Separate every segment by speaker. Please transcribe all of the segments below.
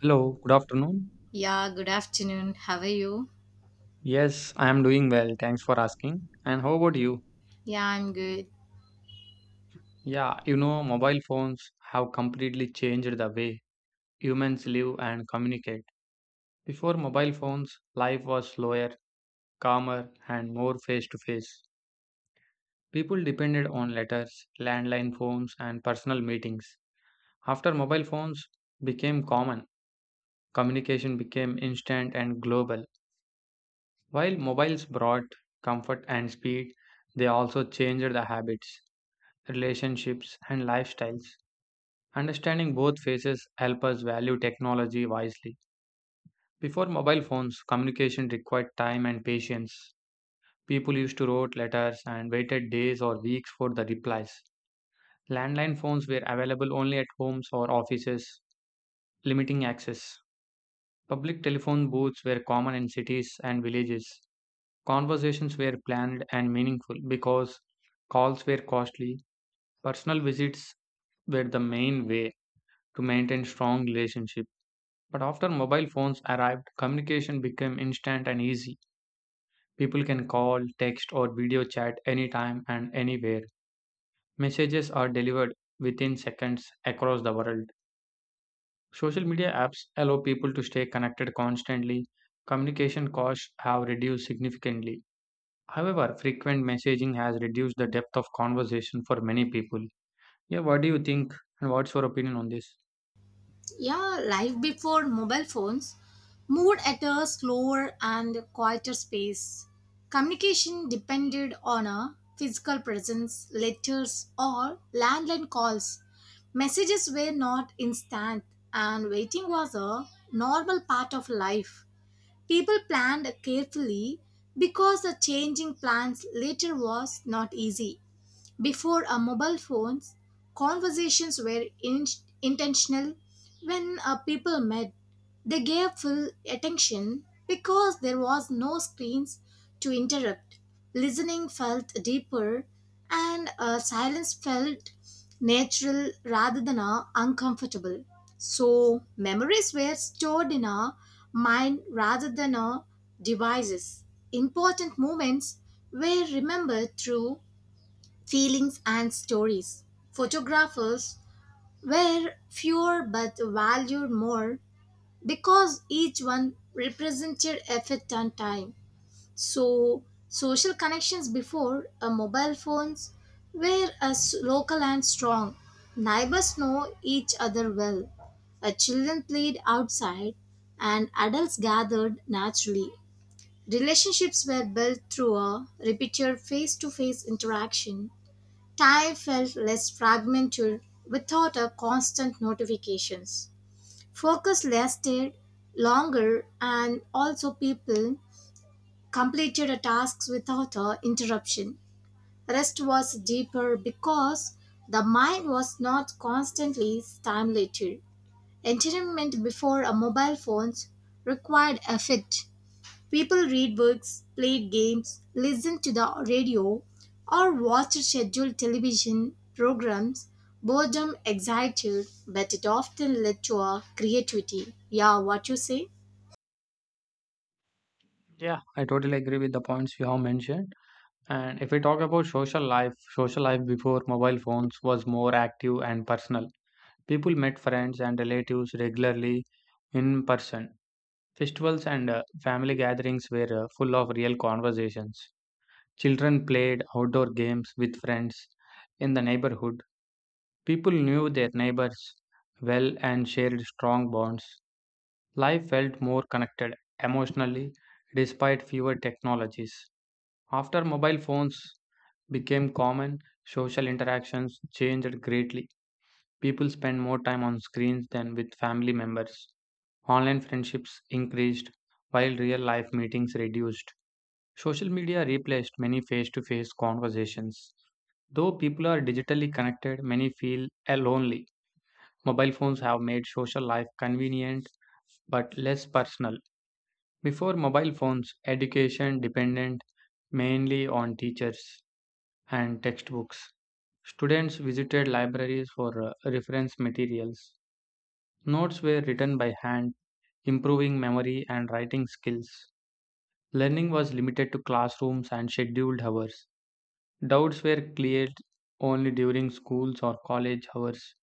Speaker 1: Hello, good afternoon.
Speaker 2: Yeah, good afternoon. How are you?
Speaker 1: Yes, I am doing well. Thanks for asking. And how about you?
Speaker 2: Yeah, I'm good.
Speaker 1: Mobile phones have completely changed the way humans live and communicate. Before mobile phones, life was slower, calmer, and more face to face. People depended on letters, landline phones, and personal meetings. After mobile phones became common, communication became instant and global. While mobiles brought comfort and speed, they also changed the habits, relationships, and lifestyles. Understanding both phases help us value technology wisely. Before mobile phones, communication required time and patience. People used to wrote letters and waited days or weeks for the replies. Landline phones were available only at homes or offices, limiting access. Public telephone booths were common in cities and villages. Conversations were planned and meaningful because calls were costly. Personal visits were the main way to maintain strong relationships. But after mobile phones arrived, communication became instant and easy. People can call, text, or video chat anytime and anywhere. Messages are delivered within seconds across the world. Social media apps allow people to stay connected constantly. Communication costs have reduced significantly. However, frequent messaging has reduced the depth of conversation for many people. Yeah, what do you think? And what's your opinion on this?
Speaker 2: Yeah, life before mobile phones moved at a slower and quieter space. Communication depended on a physical presence, letters, or landline calls. Messages were not instant, and waiting was a normal part of life. People planned carefully because the changing plans later was not easy. Before mobile phones, conversations were intentional. When people met, they gave full attention because there was no screens to interrupt. Listening felt deeper, and silence felt natural rather than uncomfortable. So memories were stored in our mind rather than our devices. Important moments were remembered through feelings, and stories. Photographers were fewer but valued more because each one represented effort and time. So, social connections before mobile phones were as local and strong. Neighbors know each other well. Children played outside and adults gathered naturally. Relationships were built through a repeated face to face interaction. Time felt less fragmented without a constant notifications. Focus lasted longer and also people completed a tasks without a interruption. Rest was deeper because the mind was not constantly stimulated. Entertainment before a mobile phones required effort. People read books, play games, listen to the radio, or watch scheduled television programs. Boredom excited, but it often led to a creativity. Yeah, what you say?
Speaker 1: Yeah, I totally agree with the points you have mentioned. And if we talk about social life before mobile phones was more active and personal. People met friends and relatives regularly in person. Festivals and family gatherings were full of real conversations. Children played outdoor games with friends in the neighborhood. People knew their neighbors well and shared strong bonds. Life felt more connected emotionally despite fewer technologies. After mobile phones became common, social interactions changed greatly. People spend more time on screens than with family members. Online friendships increased while real life meetings reduced. Social media replaced many face to face conversations. Though people are digitally connected, many feel lonely. Mobile phones have made social life convenient but less personal. Before mobile phones, education depended mainly on teachers and textbooks. Students visited libraries for reference materials. Notes were written by hand, improving memory and writing skills. Learning was limited to classrooms and scheduled hours. Doubts were cleared only during schools or college hours.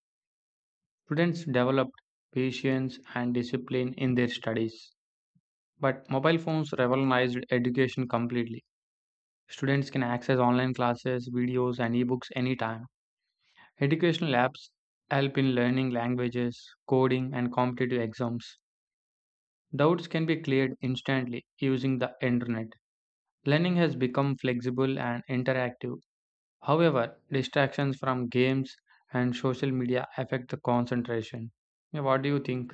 Speaker 1: Students developed patience and discipline in their studies. But mobile phones revolutionized education completely. Students can access online classes, videos, and ebooks anytime. Educational apps help in learning languages, coding, and competitive exams. Doubts can be cleared instantly using the internet. Learning has become flexible and interactive. However, distractions from games and social media affect the concentration. Yeah, what do you think?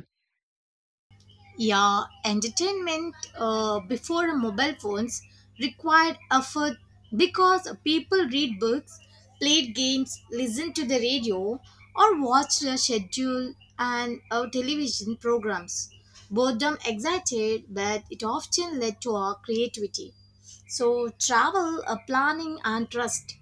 Speaker 2: Yeah, entertainment before mobile phones required effort because people read books, played games, listened to the radio, or watched the schedule and television programs. Boredom excited, but it often led to our creativity. So, travel, planning, and trust.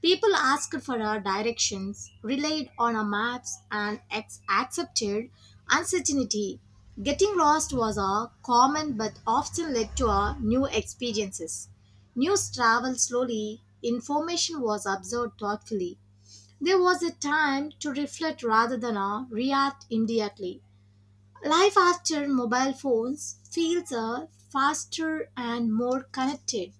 Speaker 2: People asked for our directions, relied on our maps, and accepted uncertainty. Getting lost was a common but often led to our new experiences. News traveled slowly, information was absorbed thoughtfully. There was a time to reflect rather than react immediately. Life after mobile phones feels faster and more connected.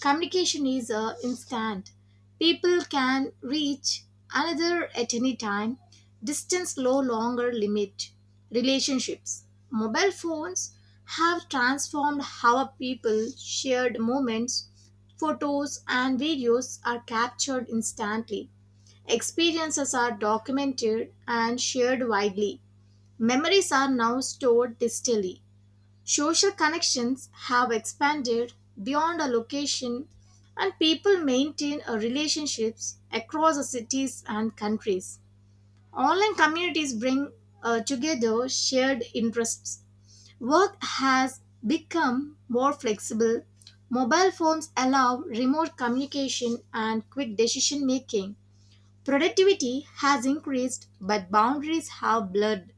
Speaker 2: Communication is instant. People can reach another at any time. Distance no longer limit relationships. Mobile phones have transformed how people shared moments. Photos and videos are captured instantly. Experiences are documented and shared widely. Memories are now stored digitally. Social connections have expanded beyond a location, and people maintain a relationships across the cities and countries. Online communities bring together shared interests. Work has become more flexible. Mobile phones allow remote communication and quick decision making. Productivity has increased, but boundaries have blurred.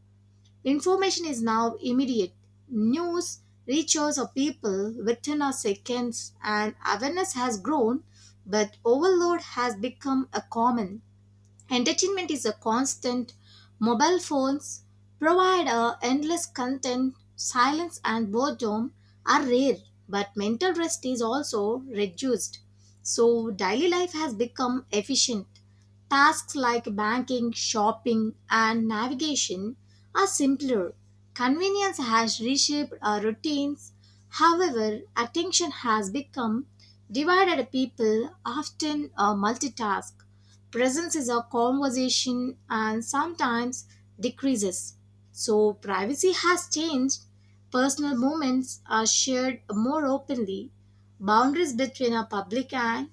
Speaker 2: Information is now immediate. News reaches a people within a seconds and awareness has grown, but overload has become a common. Entertainment is a constant. Mobile phones provide a endless content. Silence and boredom are rare, but mental rest is also reduced. So daily life has become efficient. Tasks like banking, shopping, and navigation are simpler. Convenience has reshaped our routines. However, attention has become divided. People often multitask. Presence is a conversation and sometimes decreases. So, privacy has changed. Personal moments are shared more openly. Boundaries between a public and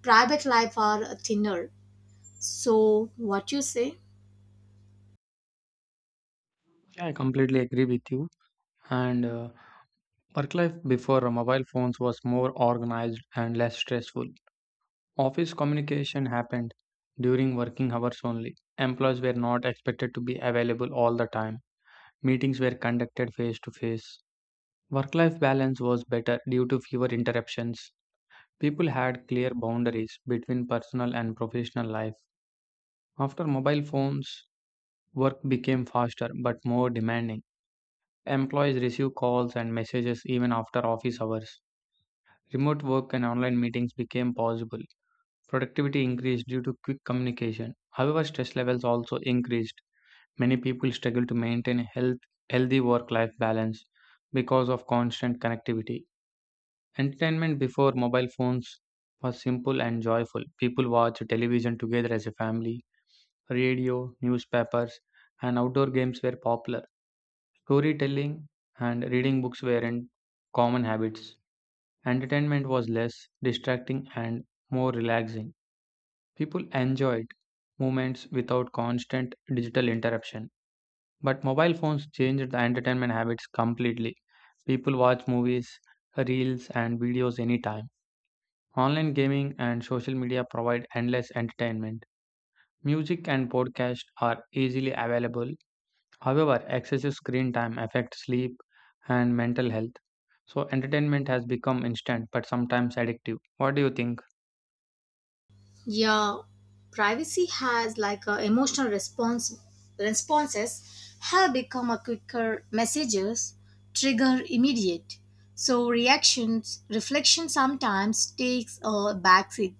Speaker 2: private life are thinner. So, what you say?
Speaker 1: I completely agree with you. And work life before mobile phones was more organized and less stressful. Office communication happened during working hours only. Employees were not expected to be available all the time. Meetings were conducted face to face. Work life balance was better due to fewer interruptions. People had clear boundaries between personal and professional life. After mobile phones, work became faster but more demanding. Employees received calls and messages even after office hours. Remote work and online meetings became possible. Productivity increased due to quick communication. However, stress levels also increased. Many people struggle to maintain a healthy work life balance because of constant connectivity. Entertainment before mobile phones was simple and joyful. People watched television together as a family, radio, newspapers, and outdoor games were popular. Storytelling and reading books weren't common habits. Entertainment was less distracting and more relaxing. People enjoyed moments without constant digital interruption. But mobile phones changed the entertainment habits completely. People watch movies, reels, and videos anytime. Online gaming and social media provide endless entertainment. Music and podcasts are easily available. However, excessive screen time affects sleep and mental health. So, entertainment has become instant but sometimes addictive. What do you think?
Speaker 2: Yeah, privacy has like a emotional response, responses have become a quicker messages trigger immediate, so reactions reflection sometimes takes a backseat.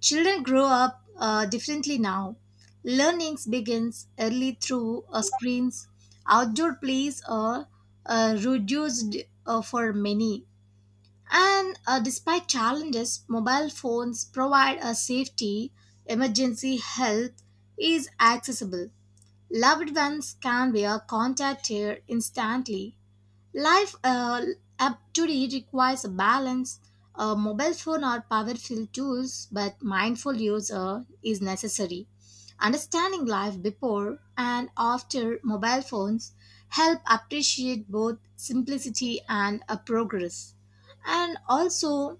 Speaker 2: Children grow up differently now. Learnings begins early through screens. Outdoor plays are reduced for many, and despite challenges, mobile phones provide a safety, emergency help is accessible. Loved ones can be contacted instantly. Life up today requires a balance. A mobile phone or powerful tools, but mindful use is necessary. Understanding life before and after mobile phones help appreciate both simplicity and progress. And also,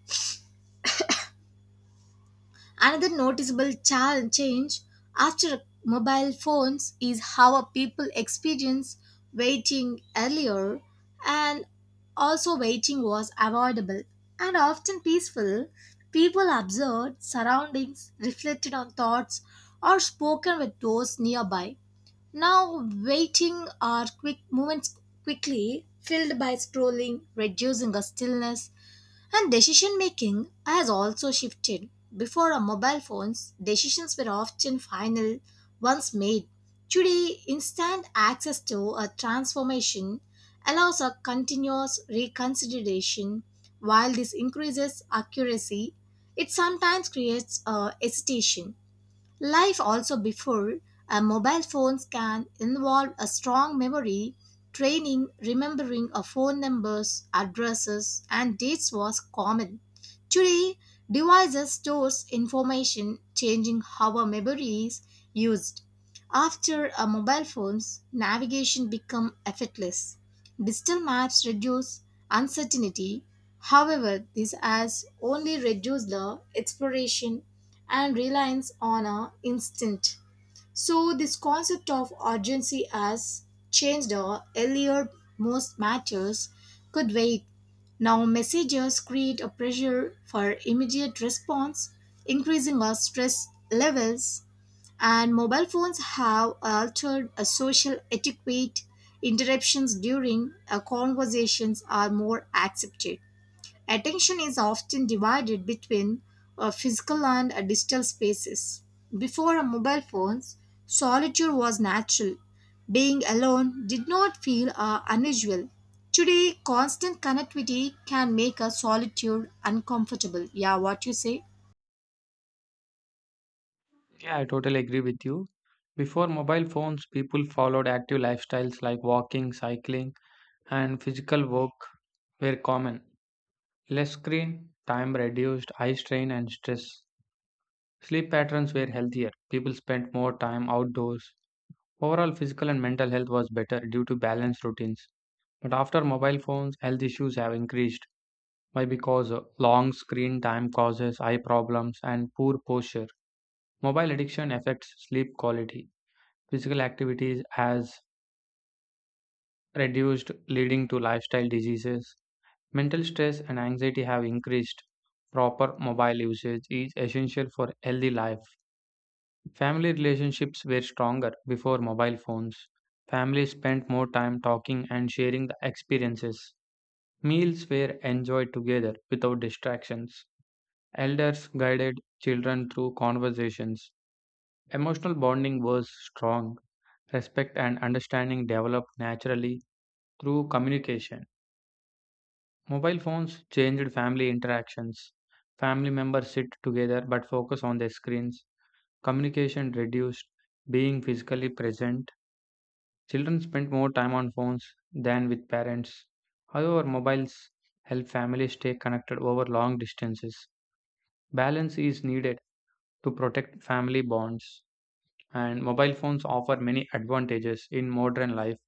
Speaker 2: another noticeable change after mobile phones is how people experience waiting earlier, and also waiting was avoidable and often peaceful. People observed surroundings, reflected on thoughts, or spoken with those nearby. Now, waiting are quick moments quickly filled by scrolling, reducing a stillness, and decision making has also shifted. Before our mobile phones, decisions were often final once made. Today, instant access to a transformation allows a continuous reconsideration. While this increases accuracy, it sometimes creates a hesitation. Life also before a mobile phones can involve a strong memory. Training, remembering of phone numbers, addresses, and dates was common. Today, devices stores information, changing how our memory is used. After a mobile phones, navigation become effortless. Digital maps reduce uncertainty. However, this has only reduced the exploration and reliance on a instinct. So this concept of urgency has changed earlier most matters could wait. Now messages create a pressure for immediate response, increasing our stress levels, and mobile phones have altered a social etiquette. Interruptions during conversations are more accepted. Attention is often divided between physical and digital spaces. Before mobile phones, solitude was natural. Being alone did not feel unusual. Today, constant connectivity can make a solitude uncomfortable. Yeah, what you say?
Speaker 1: Yeah, I totally agree with you. Before mobile phones, people followed active lifestyles like walking, cycling, and physical work were common. Less screen time reduced eye strain and stress. Sleep patterns were healthier. People spent more time outdoors. Overall, physical and mental health was better due to balanced routines. But after mobile phones, health issues have increased. Why? Because long screen time causes eye problems and poor posture. Mobile addiction affects sleep quality. Physical activities has reduced, leading to lifestyle diseases. Mental stress and anxiety have increased. Proper mobile usage is essential for healthy life. Family relationships were stronger before mobile phones. Families spent more time talking and sharing the experiences. Meals were enjoyed together without distractions. Elders guided children through conversations. Emotional bonding was strong. Respect and understanding developed naturally through communication. Mobile phones changed family interactions. Family members sit together but focus on their screens. Communication reduced, being physically present. Children spend more time on phones than with parents. However, mobiles help families stay connected over long distances. Balance is needed to protect family bonds, and mobile phones offer many advantages in modern life.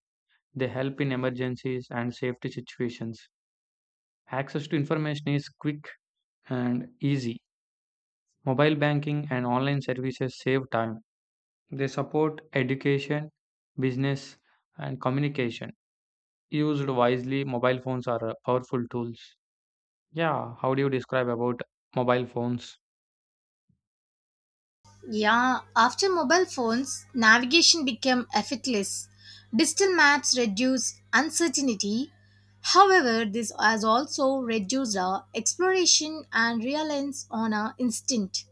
Speaker 1: They help in emergencies and safety situations. Access to information is quick and easy. Mobile banking and online services save time. They support education, business, and communication. Used wisely, mobile phones are powerful tools. Yeah, how do you describe about mobile phones?
Speaker 2: Yeah, after mobile phones, navigation became effortless. Digital maps reduce uncertainty. However, this has also reduced our exploration and reliance on our instinct.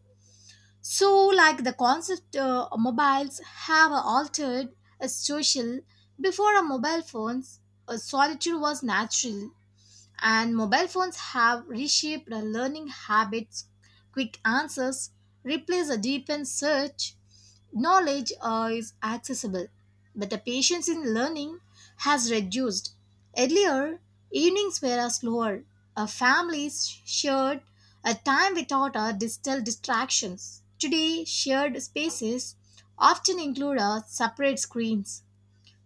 Speaker 2: So, like the concept mobiles have altered a social before a mobile phones, a solitude was natural, and mobile phones have reshaped our learning habits. Quick answers replace a deepened search knowledge is accessible, but the patience in learning has reduced. Earlier, evenings were a slower. Our families shared a time without our digital distractions. Today, shared spaces often include our separate screens.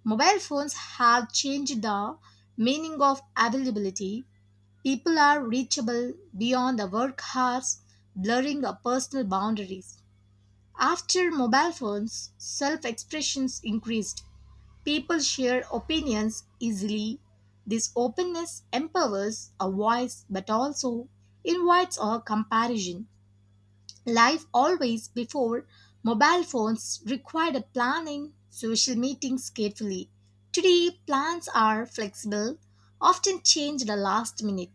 Speaker 2: Mobile phones have changed the meaning of availability. People are reachable beyond the work hours, blurring our personal boundaries. After mobile phones, self expressions increased. People share opinions easily. This openness empowers a voice but also invites a comparison. Life always before mobile phones required a planning social meetings carefully. Today, plans are flexible, often changed the last minute.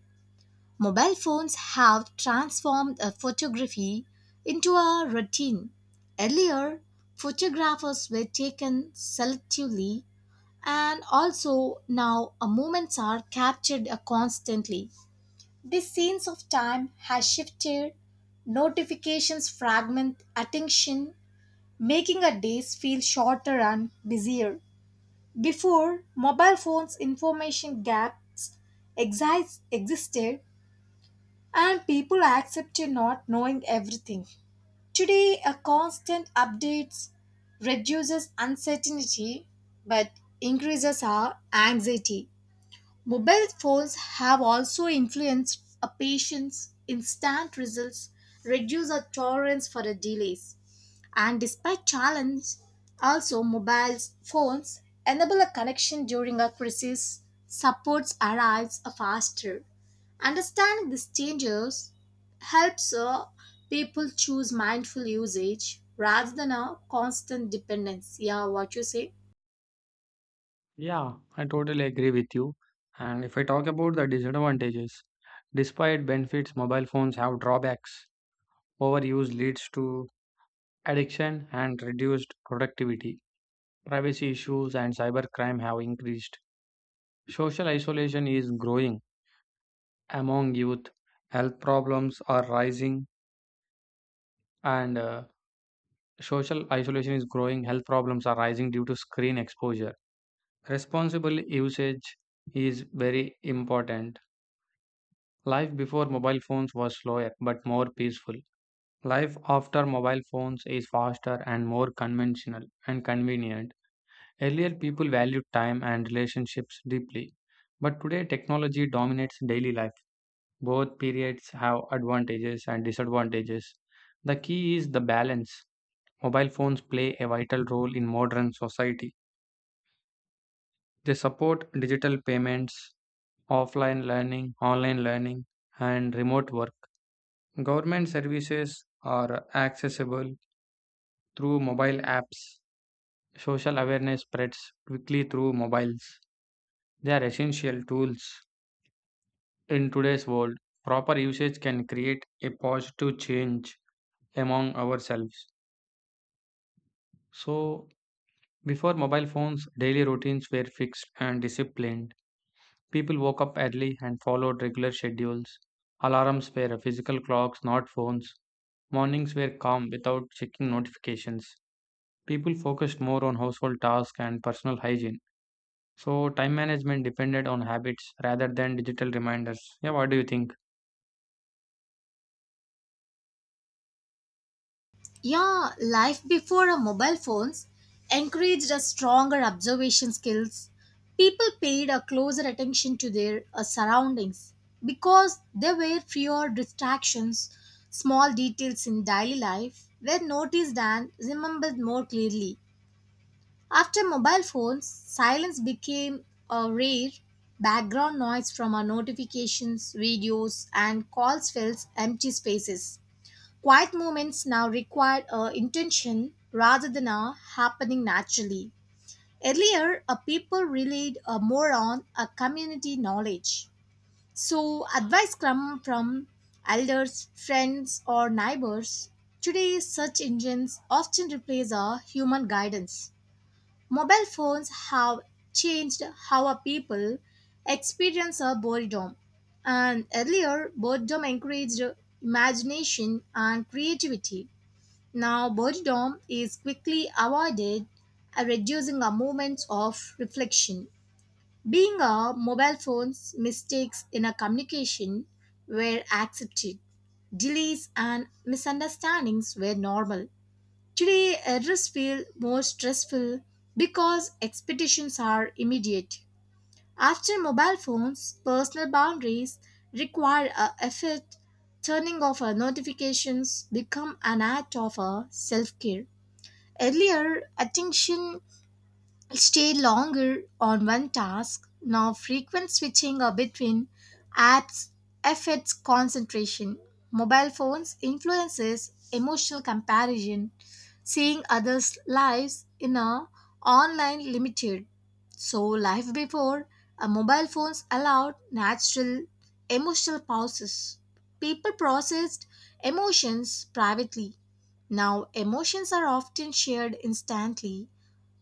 Speaker 2: Mobile phones have transformed photography into a routine. Earlier, photographers were taken selectively, and also now moments are captured constantly. This sense of time has shifted. Notifications fragment attention, making our days feel shorter and busier. Before, mobile phones' information gaps existed and people accept you not knowing everything. Today, a constant updates reduces uncertainty but increases our anxiety. Mobile phones have also influenced a patient's instant results, reduce our tolerance for the delays. And despite challenge, also mobile phones enable a connection during a crisis, supports arrives faster. Understanding these changes helps people choose mindful usage rather than a constant dependence. Yeah, what you say?
Speaker 1: Yeah, I totally agree with you. And if I talk about the disadvantages, despite benefits, mobile phones have drawbacks. Overuse leads to addiction and reduced productivity. Privacy issues and cybercrime have increased. Social isolation is growing among youth. Health problems are rising, and social isolation is growing. Health problems are rising due to screen exposure. Responsible usage is very important. Life before mobile phones was slower but more peaceful. Life after mobile phones is faster and more conventional and convenient. Earlier, people valued time and relationships deeply, but today, technology dominates daily life. Both periods have advantages and disadvantages. The key is the balance. Mobile phones play a vital role in modern society. They support digital payments, offline learning, online learning, and remote work. Government services are accessible through mobile apps. Social awareness spreads quickly through mobiles. They are essential tools in today's world. Proper usage can create a positive change among ourselves. So, before mobile phones, daily routines were fixed and disciplined. People woke up early and followed regular schedules. Alarms were physical clocks, not phones. Mornings were calm without checking notifications. People focused more on household tasks and personal hygiene. So, time management depended on habits rather than digital reminders. Yeah, what do you think?
Speaker 2: Yeah, life before our mobile phones encouraged a stronger observation skills. People paid a closer attention to their surroundings because there were fewer distractions. Small details in daily life were noticed and remembered more clearly. After mobile phones, silence became a rare. Background noise from our notifications, videos, and calls fills empty spaces. Quiet moments now require intention rather than are happening naturally. Earlier, people relied more on a community knowledge. So, advice come from elders, friends, or neighbors. Today, search engines often replace our human guidance. Mobile phones have changed how our people experience our boredom. And earlier, boredom encouraged imagination and creativity. Now, boredom is quickly avoided, reducing our moments of reflection. Being a mobile phone's mistakes in a communication were accepted. Delays and misunderstandings were normal. Today, errors feel more stressful because expectations are immediate. After mobile phones, personal boundaries require a effort. Turning off our notifications become an act of a self care. Earlier, attention stay longer on one task. Now, frequent switching between apps affects concentration. Mobile phones influences emotional comparison. Seeing others' lives in a online limited. So, life before mobile phones allowed natural emotional pauses. People processed emotions privately. Now, emotions are often shared instantly,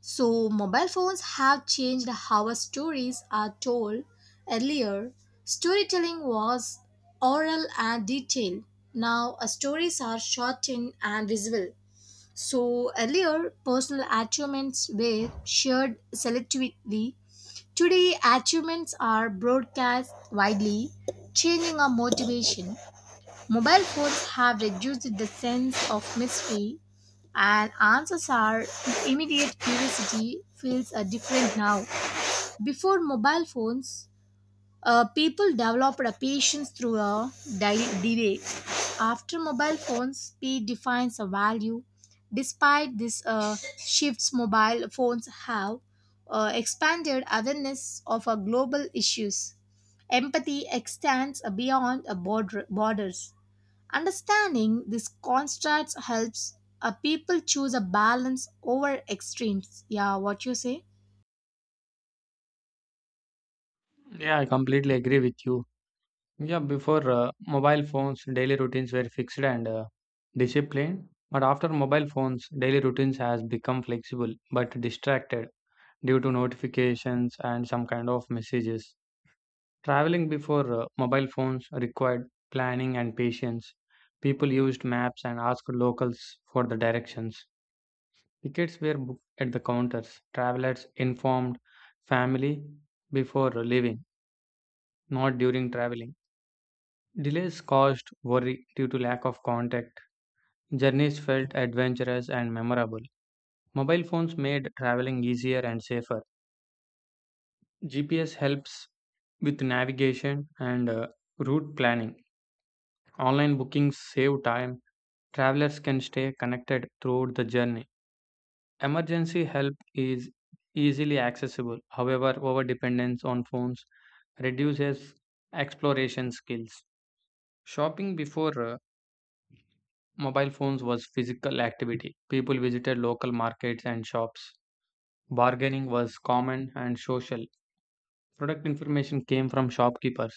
Speaker 2: so mobile phones have changed how our stories are told. Earlier, storytelling was oral and detailed. Now, our stories are shortened and visual. So, earlier, personal achievements were shared selectively. Today, achievements are broadcast widely, changing our motivation. Mobile phones have reduced the sense of mystery, and answers are immediate. Curiosity feels different now. Before mobile phones, people developed a patience through a delay. After mobile phones, speed defines a value. Despite this, shifts, mobile phones have expanded awareness of global issues. Empathy extends beyond borders. Understanding these contrasts helps people choose a balance over extremes. Yeah, what you say?
Speaker 1: Yeah, I completely agree with you. Yeah, before mobile phones, daily routines were fixed and disciplined. But after mobile phones, daily routines has become flexible but distracted due to notifications and some kind of messages. Traveling before mobile phones required planning and patience. People used maps and asked locals for the directions. Tickets were booked at the counters. Travelers informed family before leaving, not during traveling. Delays caused worry due to lack of contact. Journeys felt adventurous and memorable. Mobile phones made traveling easier and safer. GPS helps with navigation and route planning. Online bookings save time. Travelers can stay connected throughout the journey. Emergency help is easily accessible. However, over dependence on phones reduces exploration skills. Shopping before mobile phones was physical activity. People visited local markets and shops. Bargaining was common and social. Product information came from shopkeepers.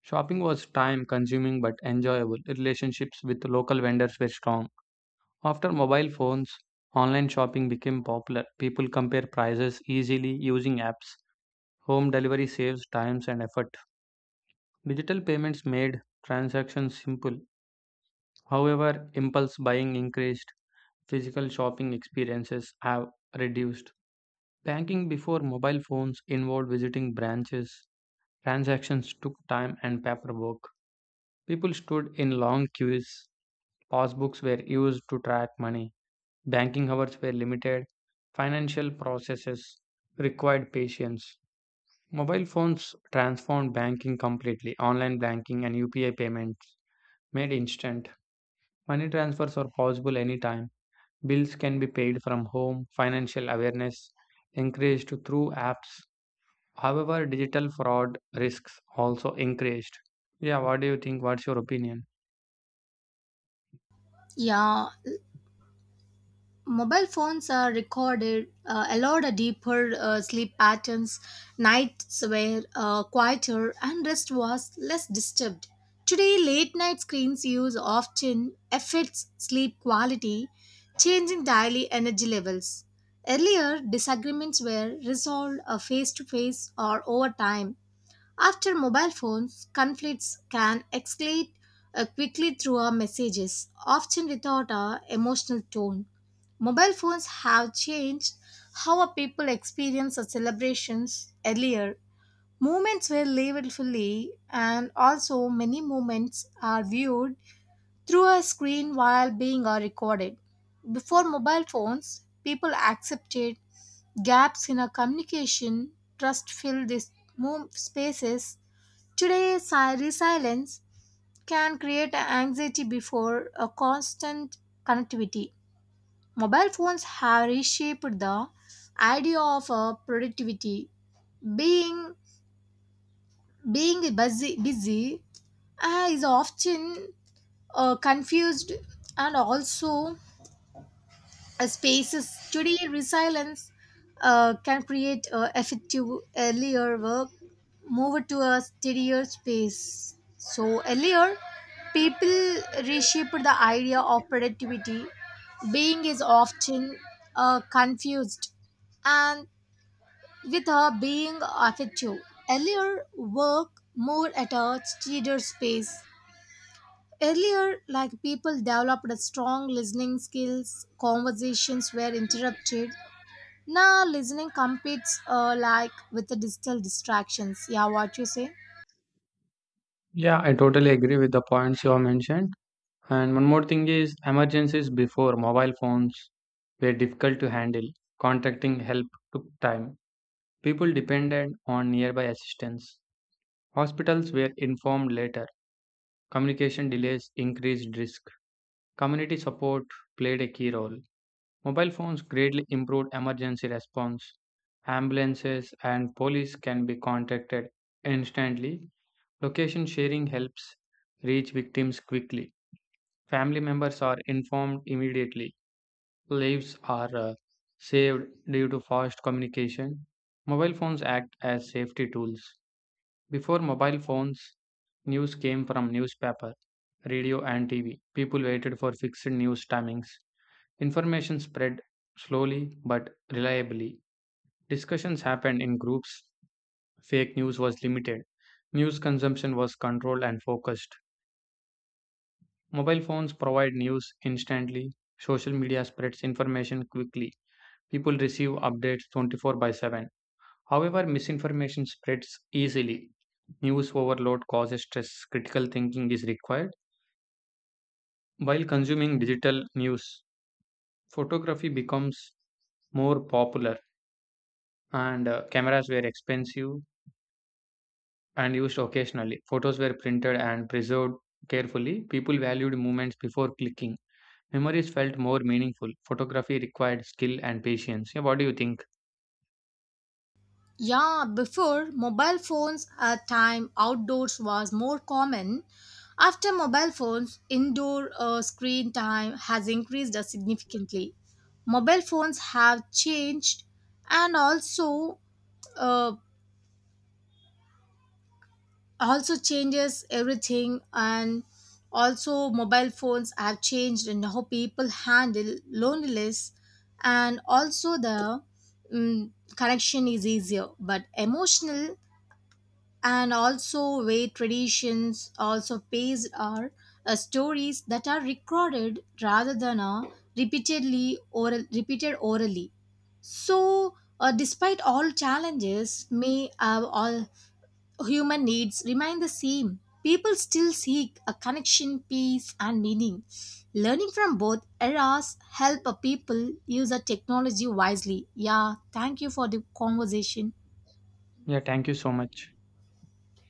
Speaker 1: Shopping was time consuming but enjoyable. Relationships with local vendors were strong. After mobile phones, online shopping became popular. People compare prices easily using apps. Home delivery saves time and effort. Digital payments made transactions simple. However, impulse buying increased. Physical shopping experiences have reduced. Banking before mobile phones involved visiting branches. Transactions took time and paperwork. People stood in long queues. Passbooks were used to track money. Banking hours were limited. Financial processes required patience. Mobile phones transformed banking completely. Online banking and UPI payments made instant. Money transfers are possible anytime. Bills can be paid from home, financial awareness increased through apps. However, digital fraud risks also increased. Yeah, what do you think? What's your opinion?
Speaker 2: Yeah, mobile phones are recorded, allowed a deeper sleep patterns. Nights were quieter and rest was less disturbed. Today, late night screens use often affects sleep quality, changing daily energy levels. Earlier, disagreements were resolved face to face or over time. After mobile phones, conflicts can escalate quickly through our messages, often without our emotional tone. Mobile phones have changed how our people experience our celebrations earlier. Moments were labeled fully, and also many moments are viewed through a screen while being recorded. Before mobile phones, people accepted gaps in our communication, trust filled these spaces. Today's resilience can create anxiety before a constant connectivity. Mobile phones have reshaped the idea of productivity. Being being busy, busy is often confused and also spaces. Today, resilience can create effective earlier work, move to a steadier space. So, earlier, people reshaped the idea of productivity. Being is often confused and with her being effective. Earlier, work more at a steadier space. Earlier, like people developed strong listening skills, conversations were interrupted, now, listening competes like with the digital distractions. Yeah, what you say?
Speaker 1: Yeah, I totally agree with the points you have mentioned. And one more thing is emergencies before mobile phones were difficult to handle. Contacting help took time. People depended on nearby assistance. Hospitals were informed later. Communication delays increased risk. Community support played a key role. Mobile phones greatly improved emergency response. Ambulances and police can be contacted instantly. Location sharing helps reach victims quickly. Family members are informed immediately. Lives are saved due to fast communication. Mobile phones act as safety tools. Before mobile phones, news came from newspaper, radio, and TV. People waited for fixed news timings. Information spread slowly but reliably. Discussions happened in groups. Fake news was limited. News consumption was controlled and focused. Mobile phones provide news instantly. Social media spreads information quickly. People receive updates 24/7. However, misinformation spreads easily. News overload causes stress. Critical thinking is required. While consuming digital news, photography becomes more popular and cameras were expensive and used occasionally. Photos were printed and preserved carefully. People valued moments before clicking. Memories felt more meaningful. Photography required skill and patience. Yeah, what do you think?
Speaker 2: Yeah, before mobile phones at time outdoors was more common. After mobile phones, indoor screen time has increased significantly. Mobile phones have changed and also uh, also changes everything, and also mobile phones have changed in how people handle loneliness and also the mm, connection is easier but emotional and also way traditions also based are stories that are recorded rather than repeatedly oral repeated orally so despite all challenges may have all human needs remain the same. People still seek a connection, peace, and meaning. Learning from both eras help a people use a technology wisely. Yeah, thank you for the conversation.
Speaker 1: Yeah, thank you so much.